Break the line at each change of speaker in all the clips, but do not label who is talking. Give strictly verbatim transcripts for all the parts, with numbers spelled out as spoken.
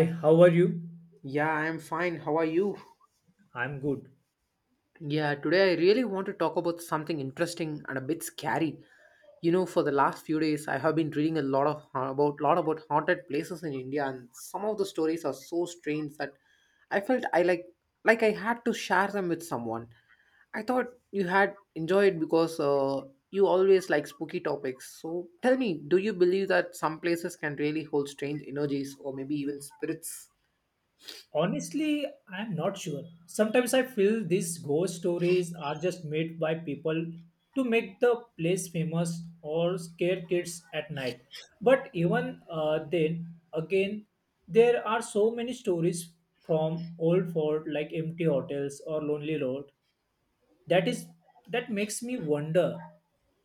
Hi, how are you?
Yeah, I'm fine. How are you?
I'm good.
Yeah, today I really want to talk about something interesting and a bit scary. You know, for the last few days, I have been reading a lot of about lot about haunted places in India, and some of the stories are so strange that I felt I like like I had to share them with someone. I thought you had enjoyed because uh, you always like spooky topics. So tell me, do you believe that some places can really hold strange energies or maybe even spirits?
Honestly, I'm not sure. Sometimes I feel these ghost stories are just made by people to make the place famous or scare kids at night. But even uh, then, again, there are so many stories from old fort like empty hotels or lonely road that is that makes me wonder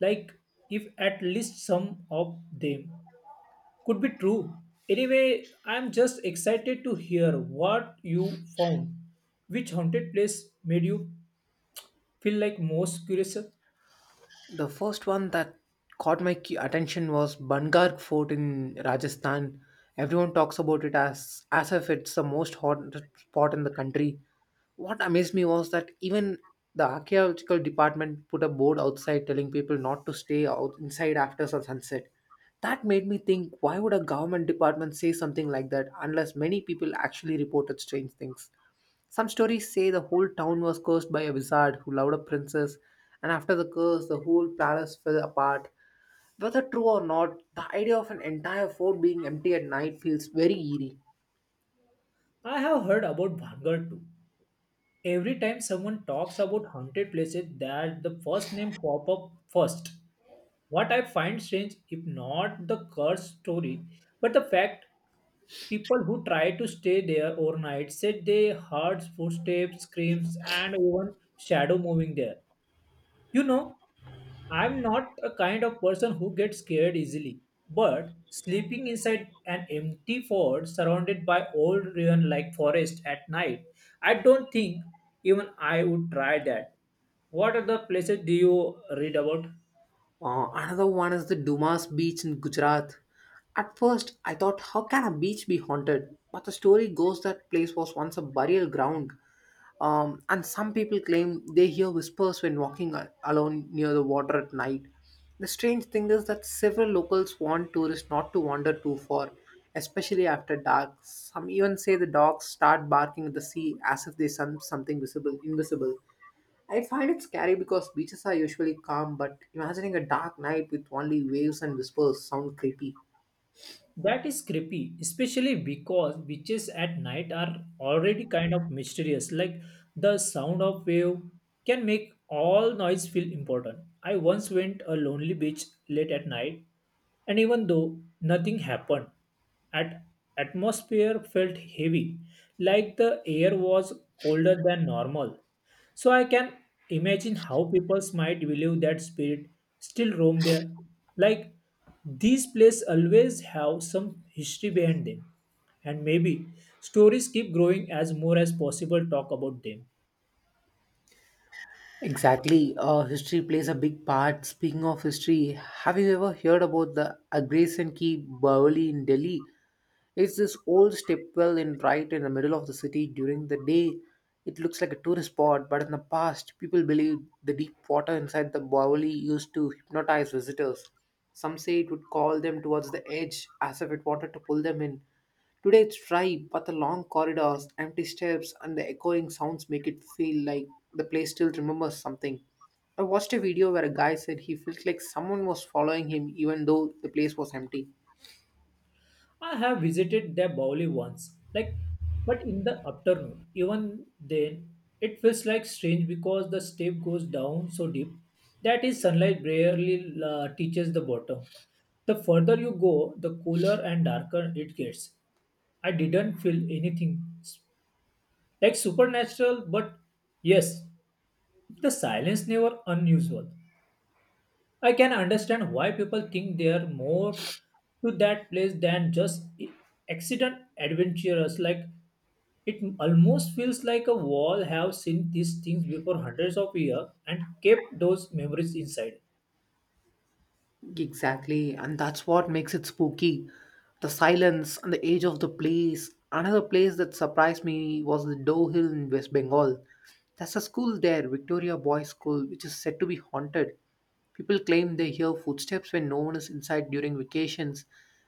like if at least some of them could be true. Anyway, I'm just excited to hear what you found. Which haunted place made you feel like most curious?
The first one that caught my key attention was Bangar Fort in Rajasthan. Everyone talks about it as as if it's the most haunted spot in the country. What amazed me was that even the archaeological department put a board outside telling people not to stay out inside after sun- sunset. That made me think, why would a government department say something like that unless many people actually reported strange things? Some stories say the whole town was cursed by a wizard who loved a princess, and after the curse, the whole palace fell apart. Whether true or not, the idea of an entire fort being empty at night feels very eerie.
I have heard about Bhangar too. Every time someone talks about haunted places, that the first name pop up first. What I find strange, if not the curse story, but the fact people who tried to stay there overnight said they heard footsteps, screams, and even shadow moving there. You know, I'm not a kind of person who gets scared easily, but sleeping inside an empty fort surrounded by old ruin like forest at night, I don't think even I would try that. What other places do you read about?
Uh, another one is the Dumas Beach in Gujarat. At first, I thought, how can a beach be haunted? But the story goes that place was once a burial ground, um, and some people claim they hear whispers when walking a- alone near the water at night. The strange thing is that several locals warn tourists not to wander too far, especially after dark. Some even say the dogs start barking at the sea as if they sense something visible, invisible. I find it scary because beaches are usually calm, but imagining a dark night with only waves and whispers sound creepy.
That is creepy, especially because witches at night are already kind of mysterious. Like the sound of wave can make all noise feel important. I once went a lonely beach late at night, and even though nothing happened, at atmosphere felt heavy, like the air was colder than normal. So I can imagine how people might believe that spirit still roam there. Like these places always have some history behind them. And maybe stories keep growing as more as possible talk about them.
Exactly. Uh, history plays a big part. Speaking of history, have you ever heard about the Agresen Key Bawali in Delhi? It's this old stepwell in right in the middle of the city during the day. It looks like a tourist spot, but in the past, people believed the deep water inside the Bawali used to hypnotize visitors. Some say it would call them towards the edge as if it wanted to pull them in. Today it's dry, but the long corridors, empty steps, and the echoing sounds make it feel like the place still remembers something. I watched a video where a guy said he felt like someone was following him even though the place was empty.
I have visited the Bowli once, like, but in the afternoon. Even then, it feels like strange because the step goes down so deep that is sunlight barely uh, touches the bottom. The further you go, the cooler and darker it gets. I didn't feel anything s- like supernatural, but yes, the silence never unusual. I can understand why people think they are more to that place than just accident adventurers. Like it almost feels like a wall have seen these things before hundreds of years and kept those memories inside.
Exactly, and that's what makes it spooky. The silence and the age of the place. Another place that surprised me was the Doe Hill in West Bengal. There's a school there, Victoria Boys School, which is said to be haunted. People claim they hear footsteps when no one is inside during vacations,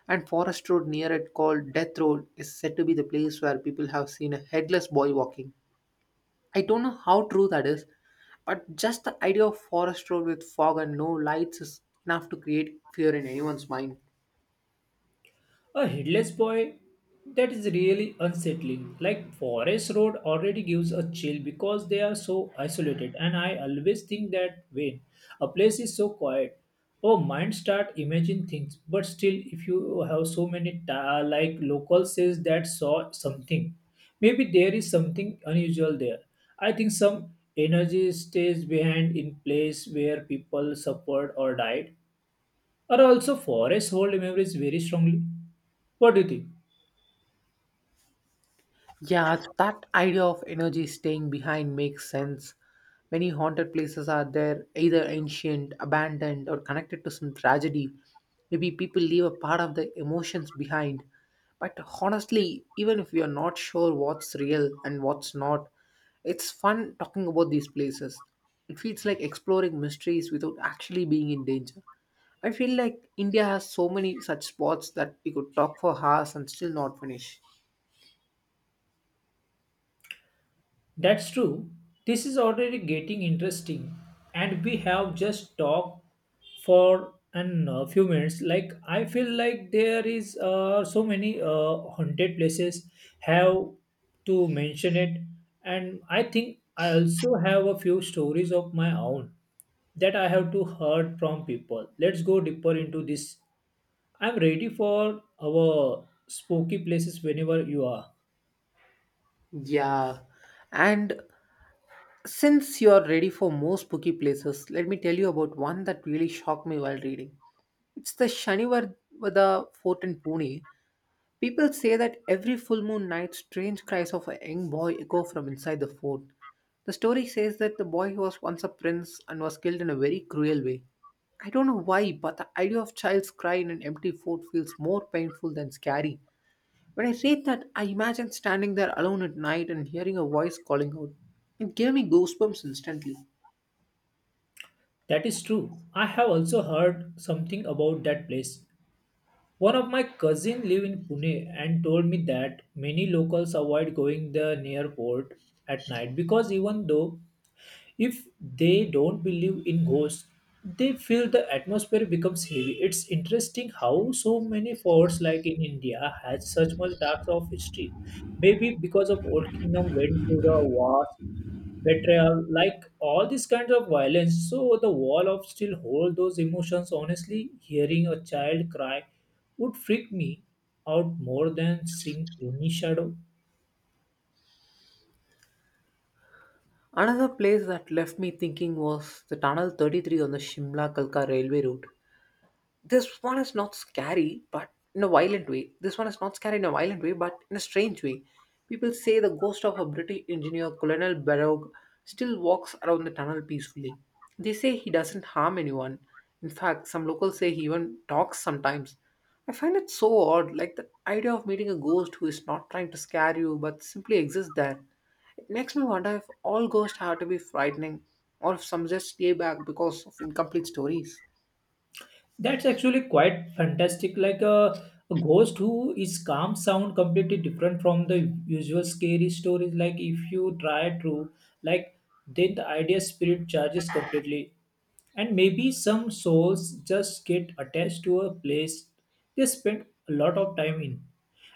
and Forest Road near it, called Death Road, is said to be the place where people have seen a headless boy walking. I don't know how true that is, but just the idea of forest road with fog and no lights is enough to create fear in anyone's mind.
A headless boy, that is really unsettling. Like Forest Road already gives a chill because they are so isolated, and I always think that when a place is so quiet, our mind start imagine things. But still, if you have so many ta- like local says that saw something, maybe there is something unusual there. I think some energy stays behind in place where people suffered or died. Or also, Forest Road memories very strongly. What do you think?
Yeah, that idea of energy staying behind makes sense. Many haunted places are there, either ancient, abandoned, or connected to some tragedy. Maybe people leave a part of their emotions behind. But honestly, even if we are not sure what's real and what's not, it's fun talking about these places. It feels like exploring mysteries without actually being in danger. I feel like India has so many such spots that we could talk for hours and still not finish.
That's true. This is already getting interesting, and we have just talked for an uh, few minutes. Like I feel like there is uh, so many uh, haunted places have to mention it, and I think I also have a few stories of my own that I have to heard from people. Let's go deeper into this. I'm ready for our spooky places whenever you are.
Yeah, and since you're ready for more spooky places, let me tell you about one that really shocked me while reading. It's the Shanivarvada Fort in Pune. People say that every full moon night, strange cries of a young boy echo from inside the fort. The story says that the boy was once a prince and was killed in a very cruel way. I don't know why, but the idea of child's cry in an empty fort feels more painful than scary. When I read that, I imagined standing there alone at night and hearing a voice calling out. It gave me goosebumps instantly.
That is true. I have also heard something about that place. One of my cousin live in Pune and told me that many locals avoid going the near port at night because even though if they don't believe in ghosts, they feel the atmosphere becomes heavy. It's interesting how so many forts like in India has such much depth of history. Maybe because of old kingdom went through the wars betrayal, like all these kinds of violence. So the wall of still hold those emotions. Honestly, hearing a child cry would freak me out more than seeing any shadow.
Another place that left me thinking was the Tunnel thirty-three on the Shimla Kalka railway route. This one is not scary but in a violent way this one is not scary in a violent way but in a strange way. People say the ghost of a British engineer, Colonel Barrow, still walks around the tunnel peacefully. They say he doesn't harm anyone. In fact, some locals say he even talks sometimes. I find it so odd, like the idea of meeting a ghost who is not trying to scare you but simply exists there. It makes me wonder if all ghosts have to be frightening, or if some just stay back because of incomplete stories.
That's actually quite fantastic. Like a, a ghost who is calm sound completely different from the usual scary stories. Like if you try to like then the idea spirit charges completely. And maybe some souls just get attached to a place they spend a lot of time in.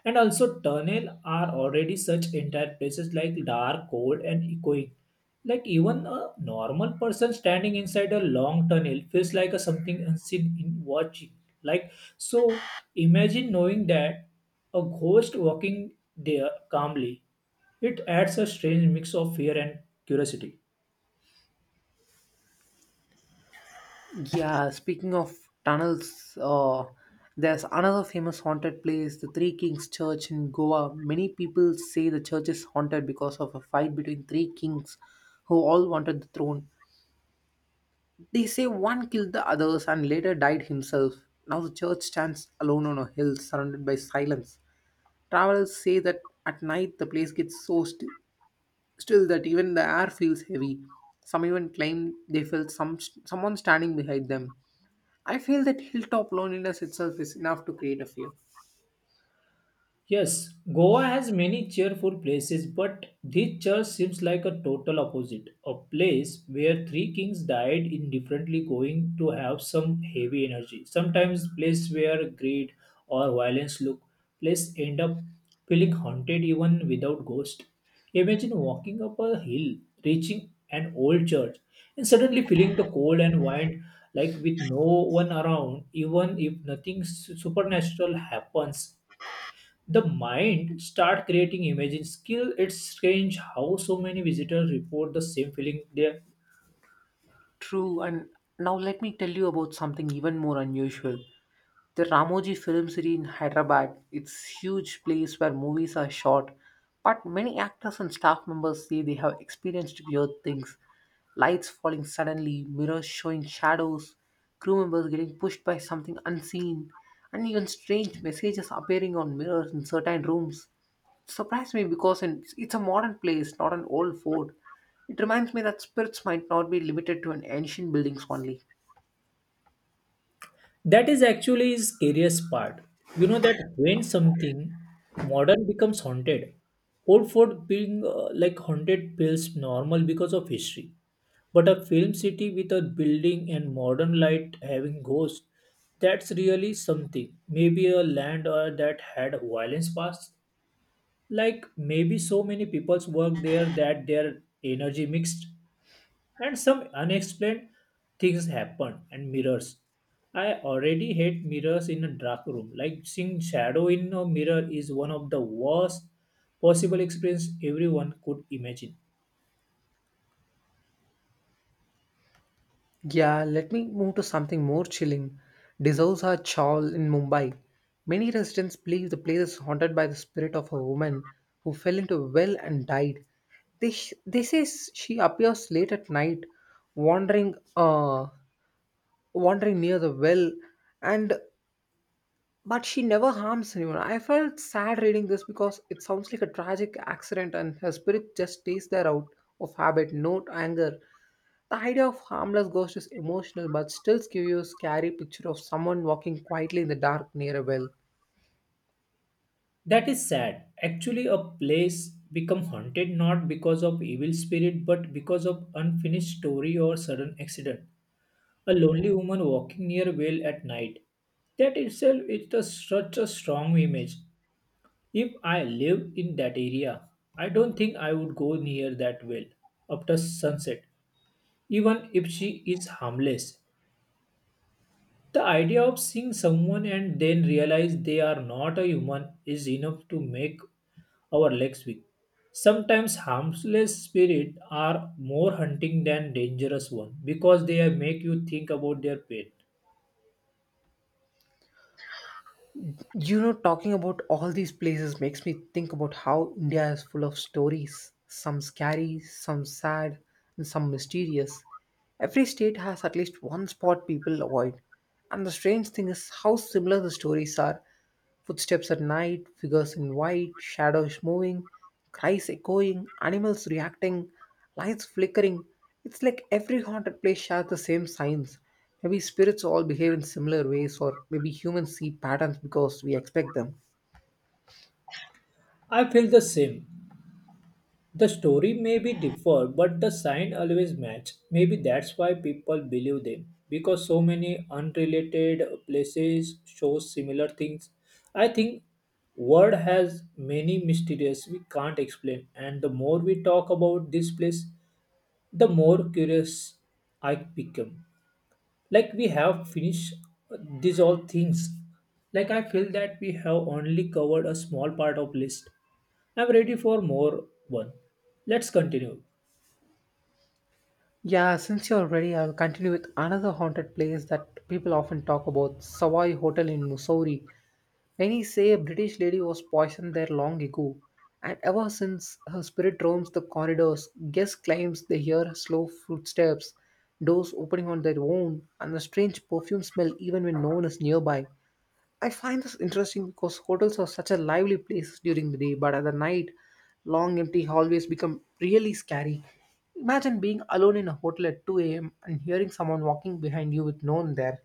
And also tunnel are already such entire places like dark, cold and echoing. Like even a normal person standing inside a long tunnel feels like a something unseen in watching. Like so, imagine knowing that a ghost walking there calmly. It adds a strange mix of fear and curiosity.
Yeah, speaking of tunnels, uh, there's another famous haunted place, the Three Kings Church in Goa. Many people say the church is haunted because of a fight between three kings who all wanted the throne. They say one killed the others and later died himself. Now the church stands alone on a hill surrounded by silence. Travelers say that at night the place gets so st- still that even the air feels heavy. Some even claim they felt some someone standing behind them. I feel that hilltop loneliness itself is enough to create a fear.
Yes, Goa has many cheerful places, but this church seems like a total opposite. A place where three kings died indifferently, going to have some heavy energy. Sometimes, place where greed or violence look, place end up feeling haunted even without ghost. Imagine walking up a hill, reaching an old church, and suddenly feeling the cold and wind, like with no one around, even if nothing su- supernatural happens, the mind start creating images skill. It's strange how so many visitors report the same feeling there.
True, and now let me tell you about something even more unusual. The Ramoji Film City in Hyderabad, it's huge place where movies are shot, but many actors and staff members say they have experienced weird things. Lights falling suddenly, mirrors showing shadows, crew members getting pushed by something unseen, and even strange messages appearing on mirrors in certain rooms. It surprised me because it's it's a modern place, not an old fort. It reminds me that spirits might not be limited to an ancient buildings only.
That is actually is scariest part. You know that when something modern becomes haunted, old fort being uh, like haunted feels normal because of history, but a film city with a building and modern light having ghosts, that's really something. Maybe a land uh, that had violence past, like maybe so many people's work there that their energy mixed and some unexplained things happen. And mirrors, I already hate mirrors in a dark room. Like seeing shadow in a mirror is one of the worst possible experience everyone could imagine.
Yeah, let me move to something more chilling. Dizosa Chawl in Mumbai. Many residents believe the place is haunted by the spirit of a woman who fell into a well and died. They, sh- they say s- she appears late at night, wandering, uh, wandering near the well, and but she never harms anyone. I felt sad reading this because it sounds like a tragic accident and her spirit just stays there out of habit, not anger. The idea of harmless ghost is emotional but still gives you a scary picture of someone walking quietly in the dark near a well.
That is sad actually. A place become haunted not because of evil spirit but because of unfinished story or sudden accident. A lonely woman walking near a well at night. That itself is the, such a strong image. If I live in that area, I don't think I would go near that well after sunset, even if she is harmless. The idea of seeing someone and then realize they are not a human is enough to make our legs weak. Sometimes harmless spirits are more hunting than dangerous ones because they make you think about their pain.
You know, talking about all these places makes me think about how India is full of stories, some scary, some sad, and some mysterious. Every state has at least one spot people avoid. And the strange thing is how similar the stories are. Footsteps at night, figures in white, shadows moving, cries echoing, animals reacting, lights flickering. It's like every haunted place shares the same signs. Maybe spirits all behave in similar ways, or maybe humans see patterns because we expect them.
I feel the same. The story may be differ, but the sign always match. Maybe that's why people believe them because so many unrelated places show similar things. I think world has many mysteries we can't explain, and the more we talk about this place, the more curious I become. Like we have finished these all things, like I feel that we have only covered a small part of list. I'm ready for more one. Let's continue.
Yeah, since you're ready, I'll continue with another haunted place that people often talk about, Savoy Hotel in Missouri. Many say a British lady was poisoned there long ago, and ever since her spirit roams the corridors. Guest claims they hear slow footsteps, doors opening on their own, and a strange perfume smell even when no one is nearby. I find this interesting because hotels are such a lively place during the day, but at the night, long empty hallways become really scary. Imagine being alone in a hotel at two a m and hearing someone walking behind you with no one there.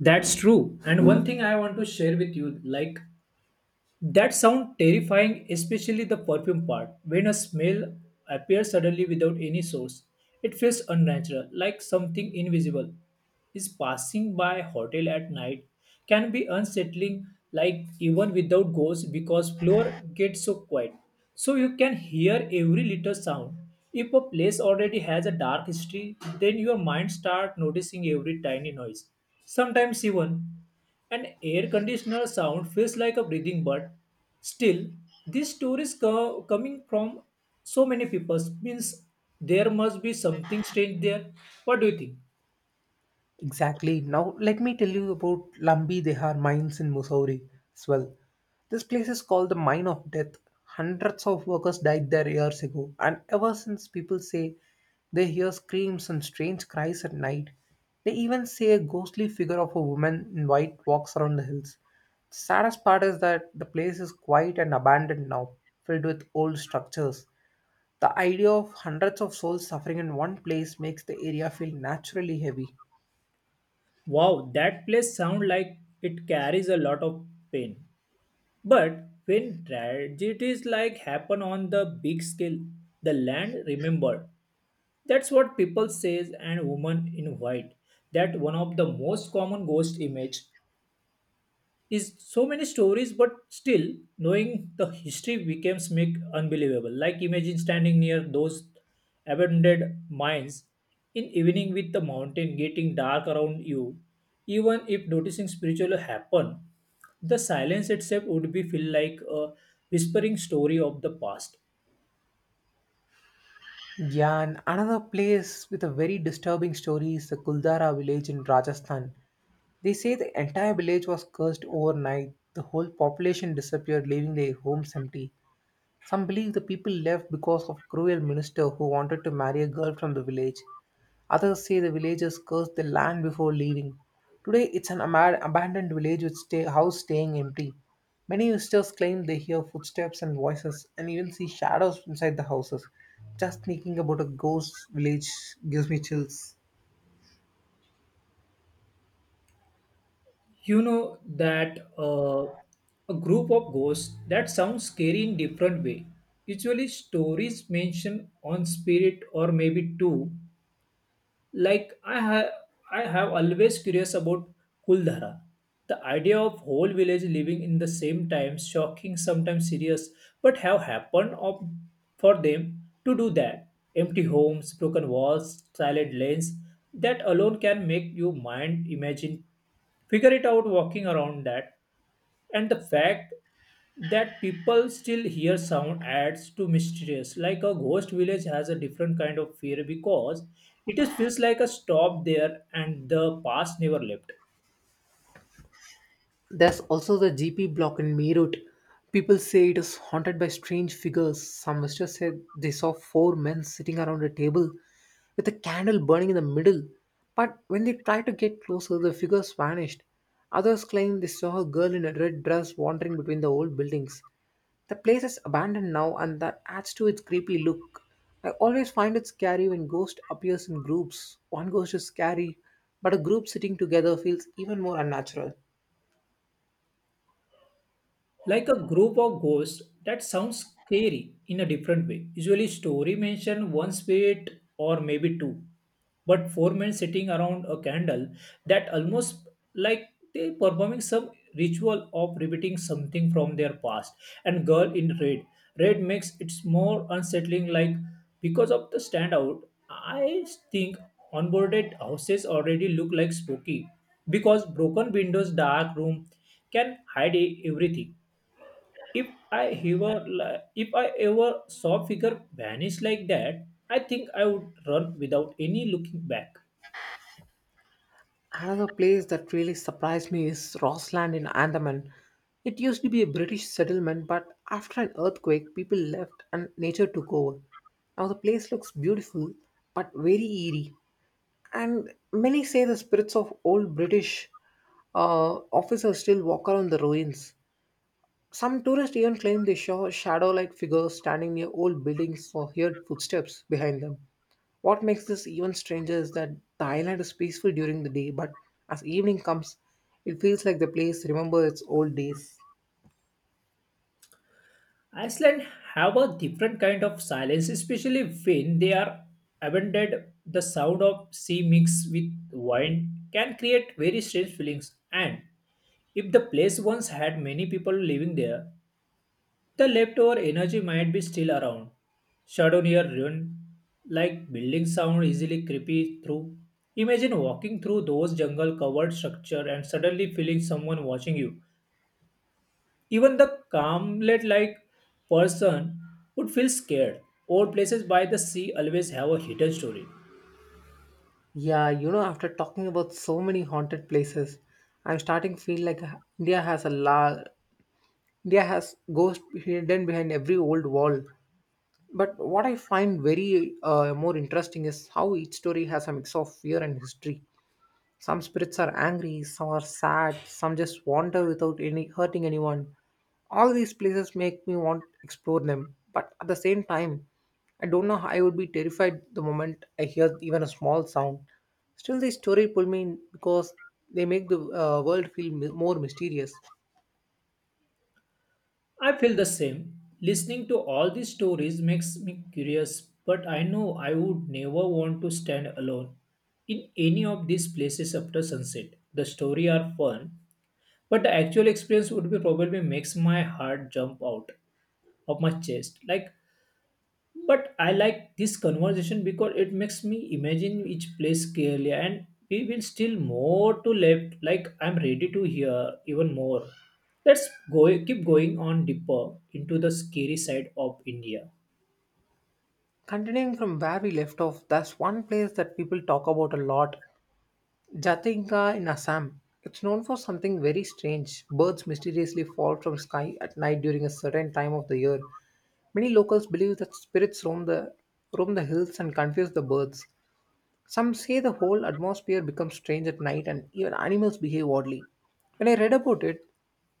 That's true, and one thing I want to share with you like. That sound terrifying, especially the perfume part. When a smell appears suddenly without any source, it feels unnatural, like something invisible is passing by. Hotel at night can be unsettling like even without ghosts because floor gets so quiet so you can hear every little sound. If a place already has a dark history then your mind starts noticing every tiny noise. Sometimes even an air conditioner sound feels like a breathing, but still, these stories co- coming from so many people means there must be something strange there. What do you think?
Exactly. Now, let me tell you about Lumbee Dehar mines in Missouri as well. This place is called the Mine of Death. Hundreds of workers died there years ago, and ever since people say they hear screams and strange cries at night. They even say a ghostly figure of a woman in white walks around the hills. The saddest part is that the place is quiet and abandoned now, filled with old structures. The idea of hundreds of souls suffering in one place makes the area feel naturally heavy.
Wow, that place sound like it carries a lot of pain. But when tragedies like happen on the big scale, the land remembered. That's what people says and woman in white. That one of the most common ghost image is so many stories but still knowing the history becomes make unbelievable like imagine standing near those abandoned mines in evening with the mountain getting dark around you, even if noticing spiritual happen the silence itself would be feel like a whispering story of the past.
Yeah, and another place with a very disturbing story is the Kuldara village in Rajasthan. They say the entire village was cursed overnight. The whole population disappeared, leaving their homes empty. Some believe the people left because of a cruel minister who wanted to marry a girl from the village. Others say the villagers cursed the land before leaving. Today, it's an ama- abandoned village with stay- house staying empty. Many visitors claim they hear footsteps and voices and even see shadows inside the houses. Just thinking about a ghost village gives me chills.
You know that uh, a group of ghosts that sounds scary in different way usually stories mention on spirit or maybe two like i have I have always curious about Kuldhara. The idea of whole village living in the same time shocking sometimes serious but have happened of, for them to do that. Empty homes broken walls silent lanes that alone can make you mind imagine figure it out walking around that. And the fact that people still hear sound adds to mysterious like a ghost village has a different kind of fear because it is feels like a stop there and the past never left.
There's also the G P block in Meerut. People say it is haunted by strange figures. Some visitors said they saw four men sitting around a table with a candle burning in the middle. But when they tried to get closer, the figures vanished. Others claim they saw a girl in a red dress wandering between the old buildings. The place is abandoned now, and that adds to its creepy look. I always find it scary when ghost appears in groups. One ghost is scary, but a group sitting together feels even more unnatural.
Like a group of ghosts that sounds scary in a different way usually story mention one spirit or maybe two, but four men sitting around a candle, that almost like they performing some ritual of repeating something from their past. And girl in red, red makes it more unsettling like because of the standout. I think onboarded houses already look like spooky because broken windows dark room can hide e- everything. If I ever, li- if I ever saw a figure vanish like that, I think I would run without any looking back.
Another place that really surprised me is Rossland in Andaman. It used to be a British settlement, but after an earthquake, people left and nature took over. Now the place looks beautiful, but very eerie. And many say the spirits of old British uh, officers still walk around the ruins. Some tourists even claim they saw shadow like figures standing near old buildings or heard footsteps behind them. What makes this even stranger is that Thailand is peaceful during the day, but as evening comes, it feels like the place remembers its old days.
Iceland have a different kind of silence, especially when they are abandoned. The sound of sea mixed with wind can create very strange feelings. And if the place once had many people living there, the leftover energy might be still around, shadow near ruin, like buildings sound easily creepy through. Imagine walking through those jungle covered structure and suddenly feeling someone watching you. Even the calmlet like person would feel scared. Old places by the sea always have a hidden story.
Yeah, you know, after talking about so many haunted places, I'm starting to feel like India has a la- India has ghosts hidden behind every old wall. But what I find very uh, more interesting is how each story has a mix of fear and history. Some spirits are angry, some are sad, some just wander without any hurting anyone. All these places make me want to explore them, but at the same time, I don't know how I would be terrified the moment I hear even a small sound. Still, the story pull me in because they make the uh, world feel mi- more mysterious.
I feel the same. Listening to all these stories makes me curious, but I know I would never want to stand alone in any of these places after sunset. The story are fun, but the actual experience would be probably makes my heart jump out of my chest. Like but I like this conversation because it makes me imagine each place clearly and we will still more to left like I'm ready to hear even more. Let's go keep going on deeper into the scary side of India.
Continuing from where we left off, that's one place that people talk about a lot Jatinga in Assam. It's known for something very strange. Birds mysteriously fall from sky at night during a certain time of the year. Many locals believe that spirits roam the roam the hills and confuse the birds. Some say the whole atmosphere becomes strange at night and even animals behave oddly. When I read about it,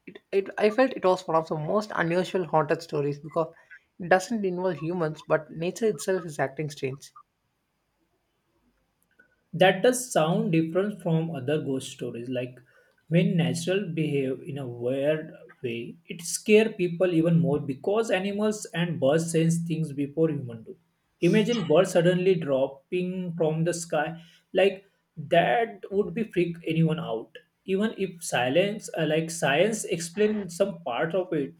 it, it I felt it was one of the most unusual haunted stories because it doesn't involve humans but nature itself is acting strange.
That does sound different from other ghost stories, like when natural behave in a weird way it scare people even more because animals and birds sense things before human do. Imagine birds suddenly dropping from the sky, like that would be freak anyone out. Even if silence uh, like science explains some part of it,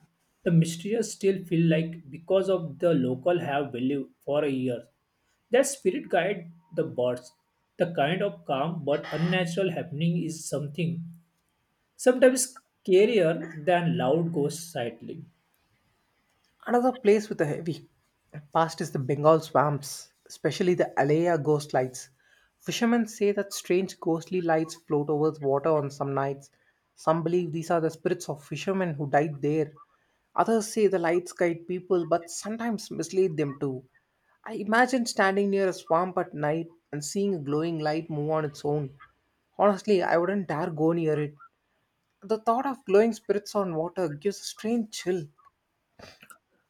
the mysterious still feel like because of the local have believed for a year their spirit guide the birds. The kind of calm but unnatural happening is something sometimes scarier than loud ghost sightling.
Another place with a heavy past is the Bengal swamps, especially the Alaya ghost lights. Fishermen say that strange ghostly lights float over the water on some nights. Some believe these are the spirits of fishermen who died there. Others say the lights guide people but sometimes mislead them too. I imagine standing near a swamp at night and seeing a glowing light move on its own. Honestly, I wouldn't dare go near it. The thought of glowing spirits on water gives a strange chill.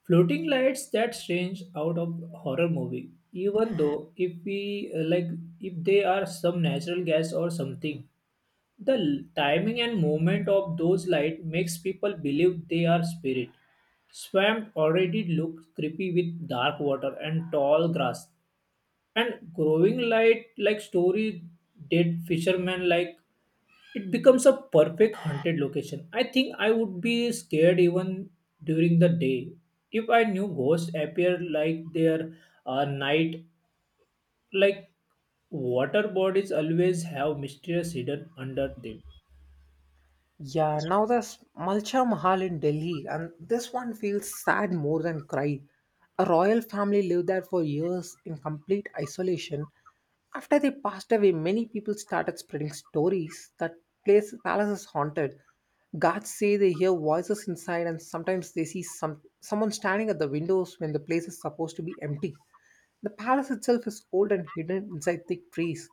Floating lights that strange out of horror movie. Even though if we uh, like if they are some natural gas or something, the l- timing and movement of those light makes people believe they are spirit. Swamp already looked creepy with dark water and tall grass. And growing light like story, did fishermen like it becomes a perfect haunted location. I think I would be scared even during the day if I knew ghosts appear like their uh, night, like water bodies always have mysterious hidden under them.
Yeah, now there's Malcha Mahal in Delhi, and this one feels sad more than cry. A royal family lived there for years in complete isolation. After they passed away, many people started spreading stories that place palace is haunted. Guards say they hear voices inside, and sometimes they see some someone standing at the windows when the place is supposed to be empty. The palace itself is old and hidden inside thick trees.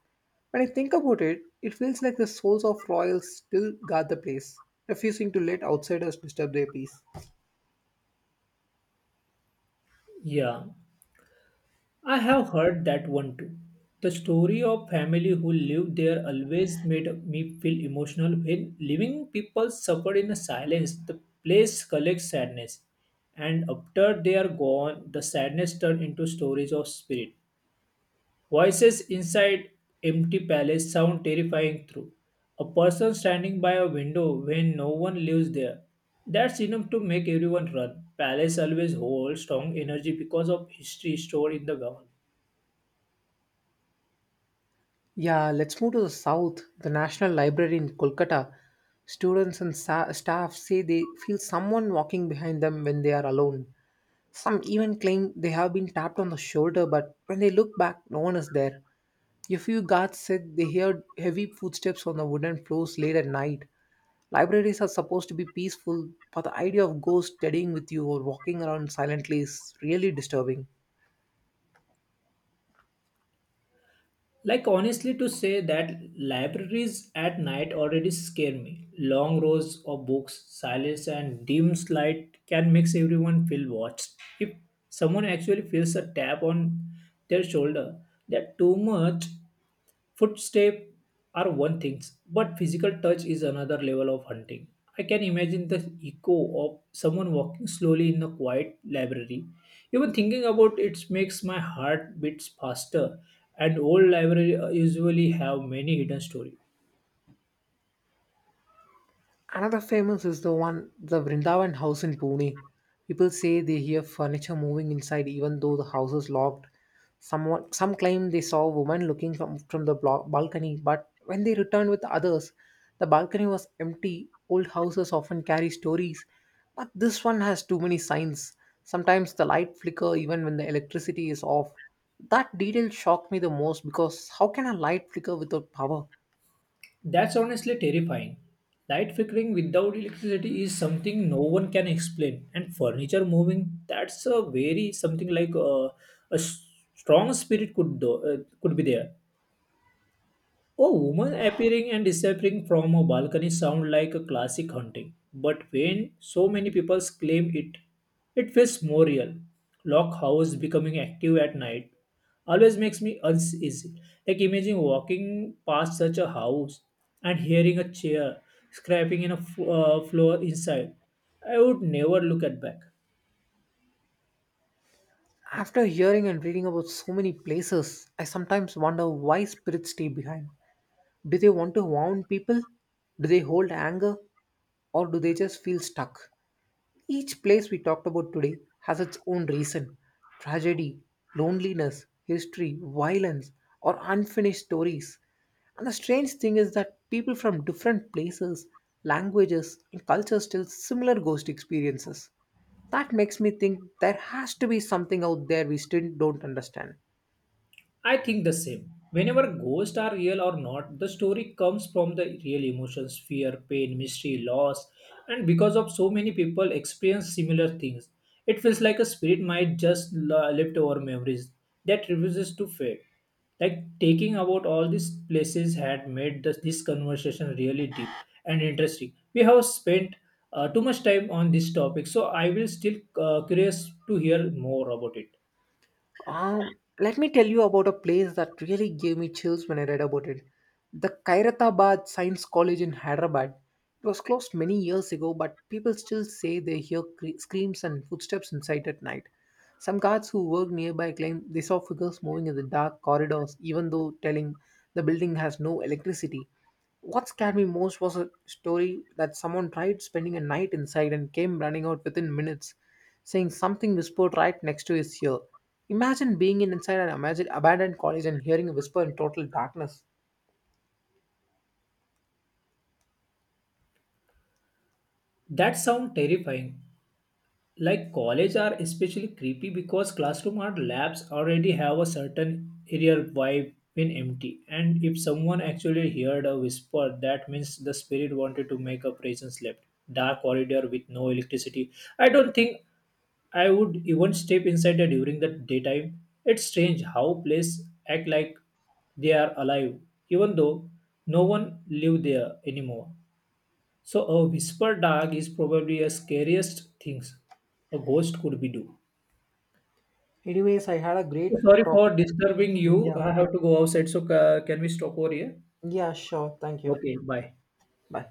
When I think about it, it feels like the souls of royals still guard the place, refusing to let outsiders disturb their peace.
Yeah, I have heard that one too. The story of family who lived there always made me feel emotional when living people suffer in silence. The place collects sadness, and after they are gone, the sadness turns into stories of spirit. Voices inside empty palace sound terrifying through. A person standing by a window when no one lives there. That's enough to make everyone run. Palace always holds strong energy because of history stored in the ground.
Yeah, let's move to the south, the National Library in Kolkata. Students and sa- staff say they feel someone walking behind them when they are alone. Some even claim they have been tapped on the shoulder, but when they look back, no one is there. A few guards said they heard heavy footsteps on the wooden floors late at night. Libraries are supposed to be peaceful, but the idea of ghosts studying with you or walking around silently is really disturbing.
Like honestly to say that libraries at night already scare me. Long rows of books, silence and dim light can make everyone feel watched. If someone actually feels a tap on their shoulder, that too much. Footsteps are one thing, but physical touch is another level of hunting. I can imagine the echo of someone walking slowly in a quiet library. Even thinking about it makes my heart beats faster, and old libraries usually have many hidden stories.
Another famous is the one, the Vrindavan house in Pune. People say they hear furniture moving inside even though the house is locked. Someone, some claim they saw a woman looking from, from the blo- balcony, but when they returned with others, the balcony was empty. Old houses often carry stories, but this one has too many signs. Sometimes the light flicker even when the electricity is off. That detail shocked me the most because how can a light flicker without power?
That's honestly terrifying. Light flickering without electricity is something no one can explain, and furniture moving, that's a very something like uh, a s- strong spirit could do, uh, could be there. A woman appearing and disappearing from a balcony sound like a classic haunting, but when so many people claim it, it feels more real. Lock house becoming active at night always makes me uneasy. Like imagine walking past such a house and hearing a chair scraping in a f- uh, floor inside. I would never look at back.
After hearing and reading about so many places, I sometimes wonder why spirits stay behind. Do they want to warn people? Do they hold anger? Or do they just feel stuck? Each place we talked about today has its own reason tragedy, loneliness, history, violence, or unfinished stories. And the strange thing is that people from different places, languages, and cultures tell similar ghost experiences. That makes me think there has to be something out there we still don't understand.
I think the same. Whenever ghosts are real or not, the story comes from the real emotions, fear, pain, mystery, loss, and because of so many people experience similar things, it feels like a spirit might just la- left over memories that refuses to fade. Like taking about all these places had made this, this conversation really deep and interesting. We have spent uh, too much time on this topic, so I will still uh, curious to hear more about it.
Um, let me tell you about a place that really gave me chills when I read about it. The Kairathabad Science College in Hyderabad. It was closed many years ago, but people still say they hear cre- screams and footsteps inside at night. Some guards who work nearby claim they saw figures moving in the dark corridors, even though telling the building has no electricity. What scared me most was a story that someone tried spending a night inside and came running out within minutes saying something whispered right next to his ear. Imagine being in inside an imagine abandoned college and hearing a whisper in total darkness.
That sound terrifying, like college are especially creepy because classroom or labs already have a certain eerie vibe when empty, and if someone actually heard a whisper, that means the spirit wanted to make a presence left. Dark corridor with no electricity, I don't think I would even step inside there during the daytime. It's strange how places act like they are alive even though no one live there anymore. So a whisper dog is probably a scariest things a ghost could be do.
Anyways, I had a
So
great
sorry
topic.
for disturbing you.
Yeah.
I have to go outside. So ca- can we stop over here?
Yeah, sure. Thank you.
Okay, bye.
Bye.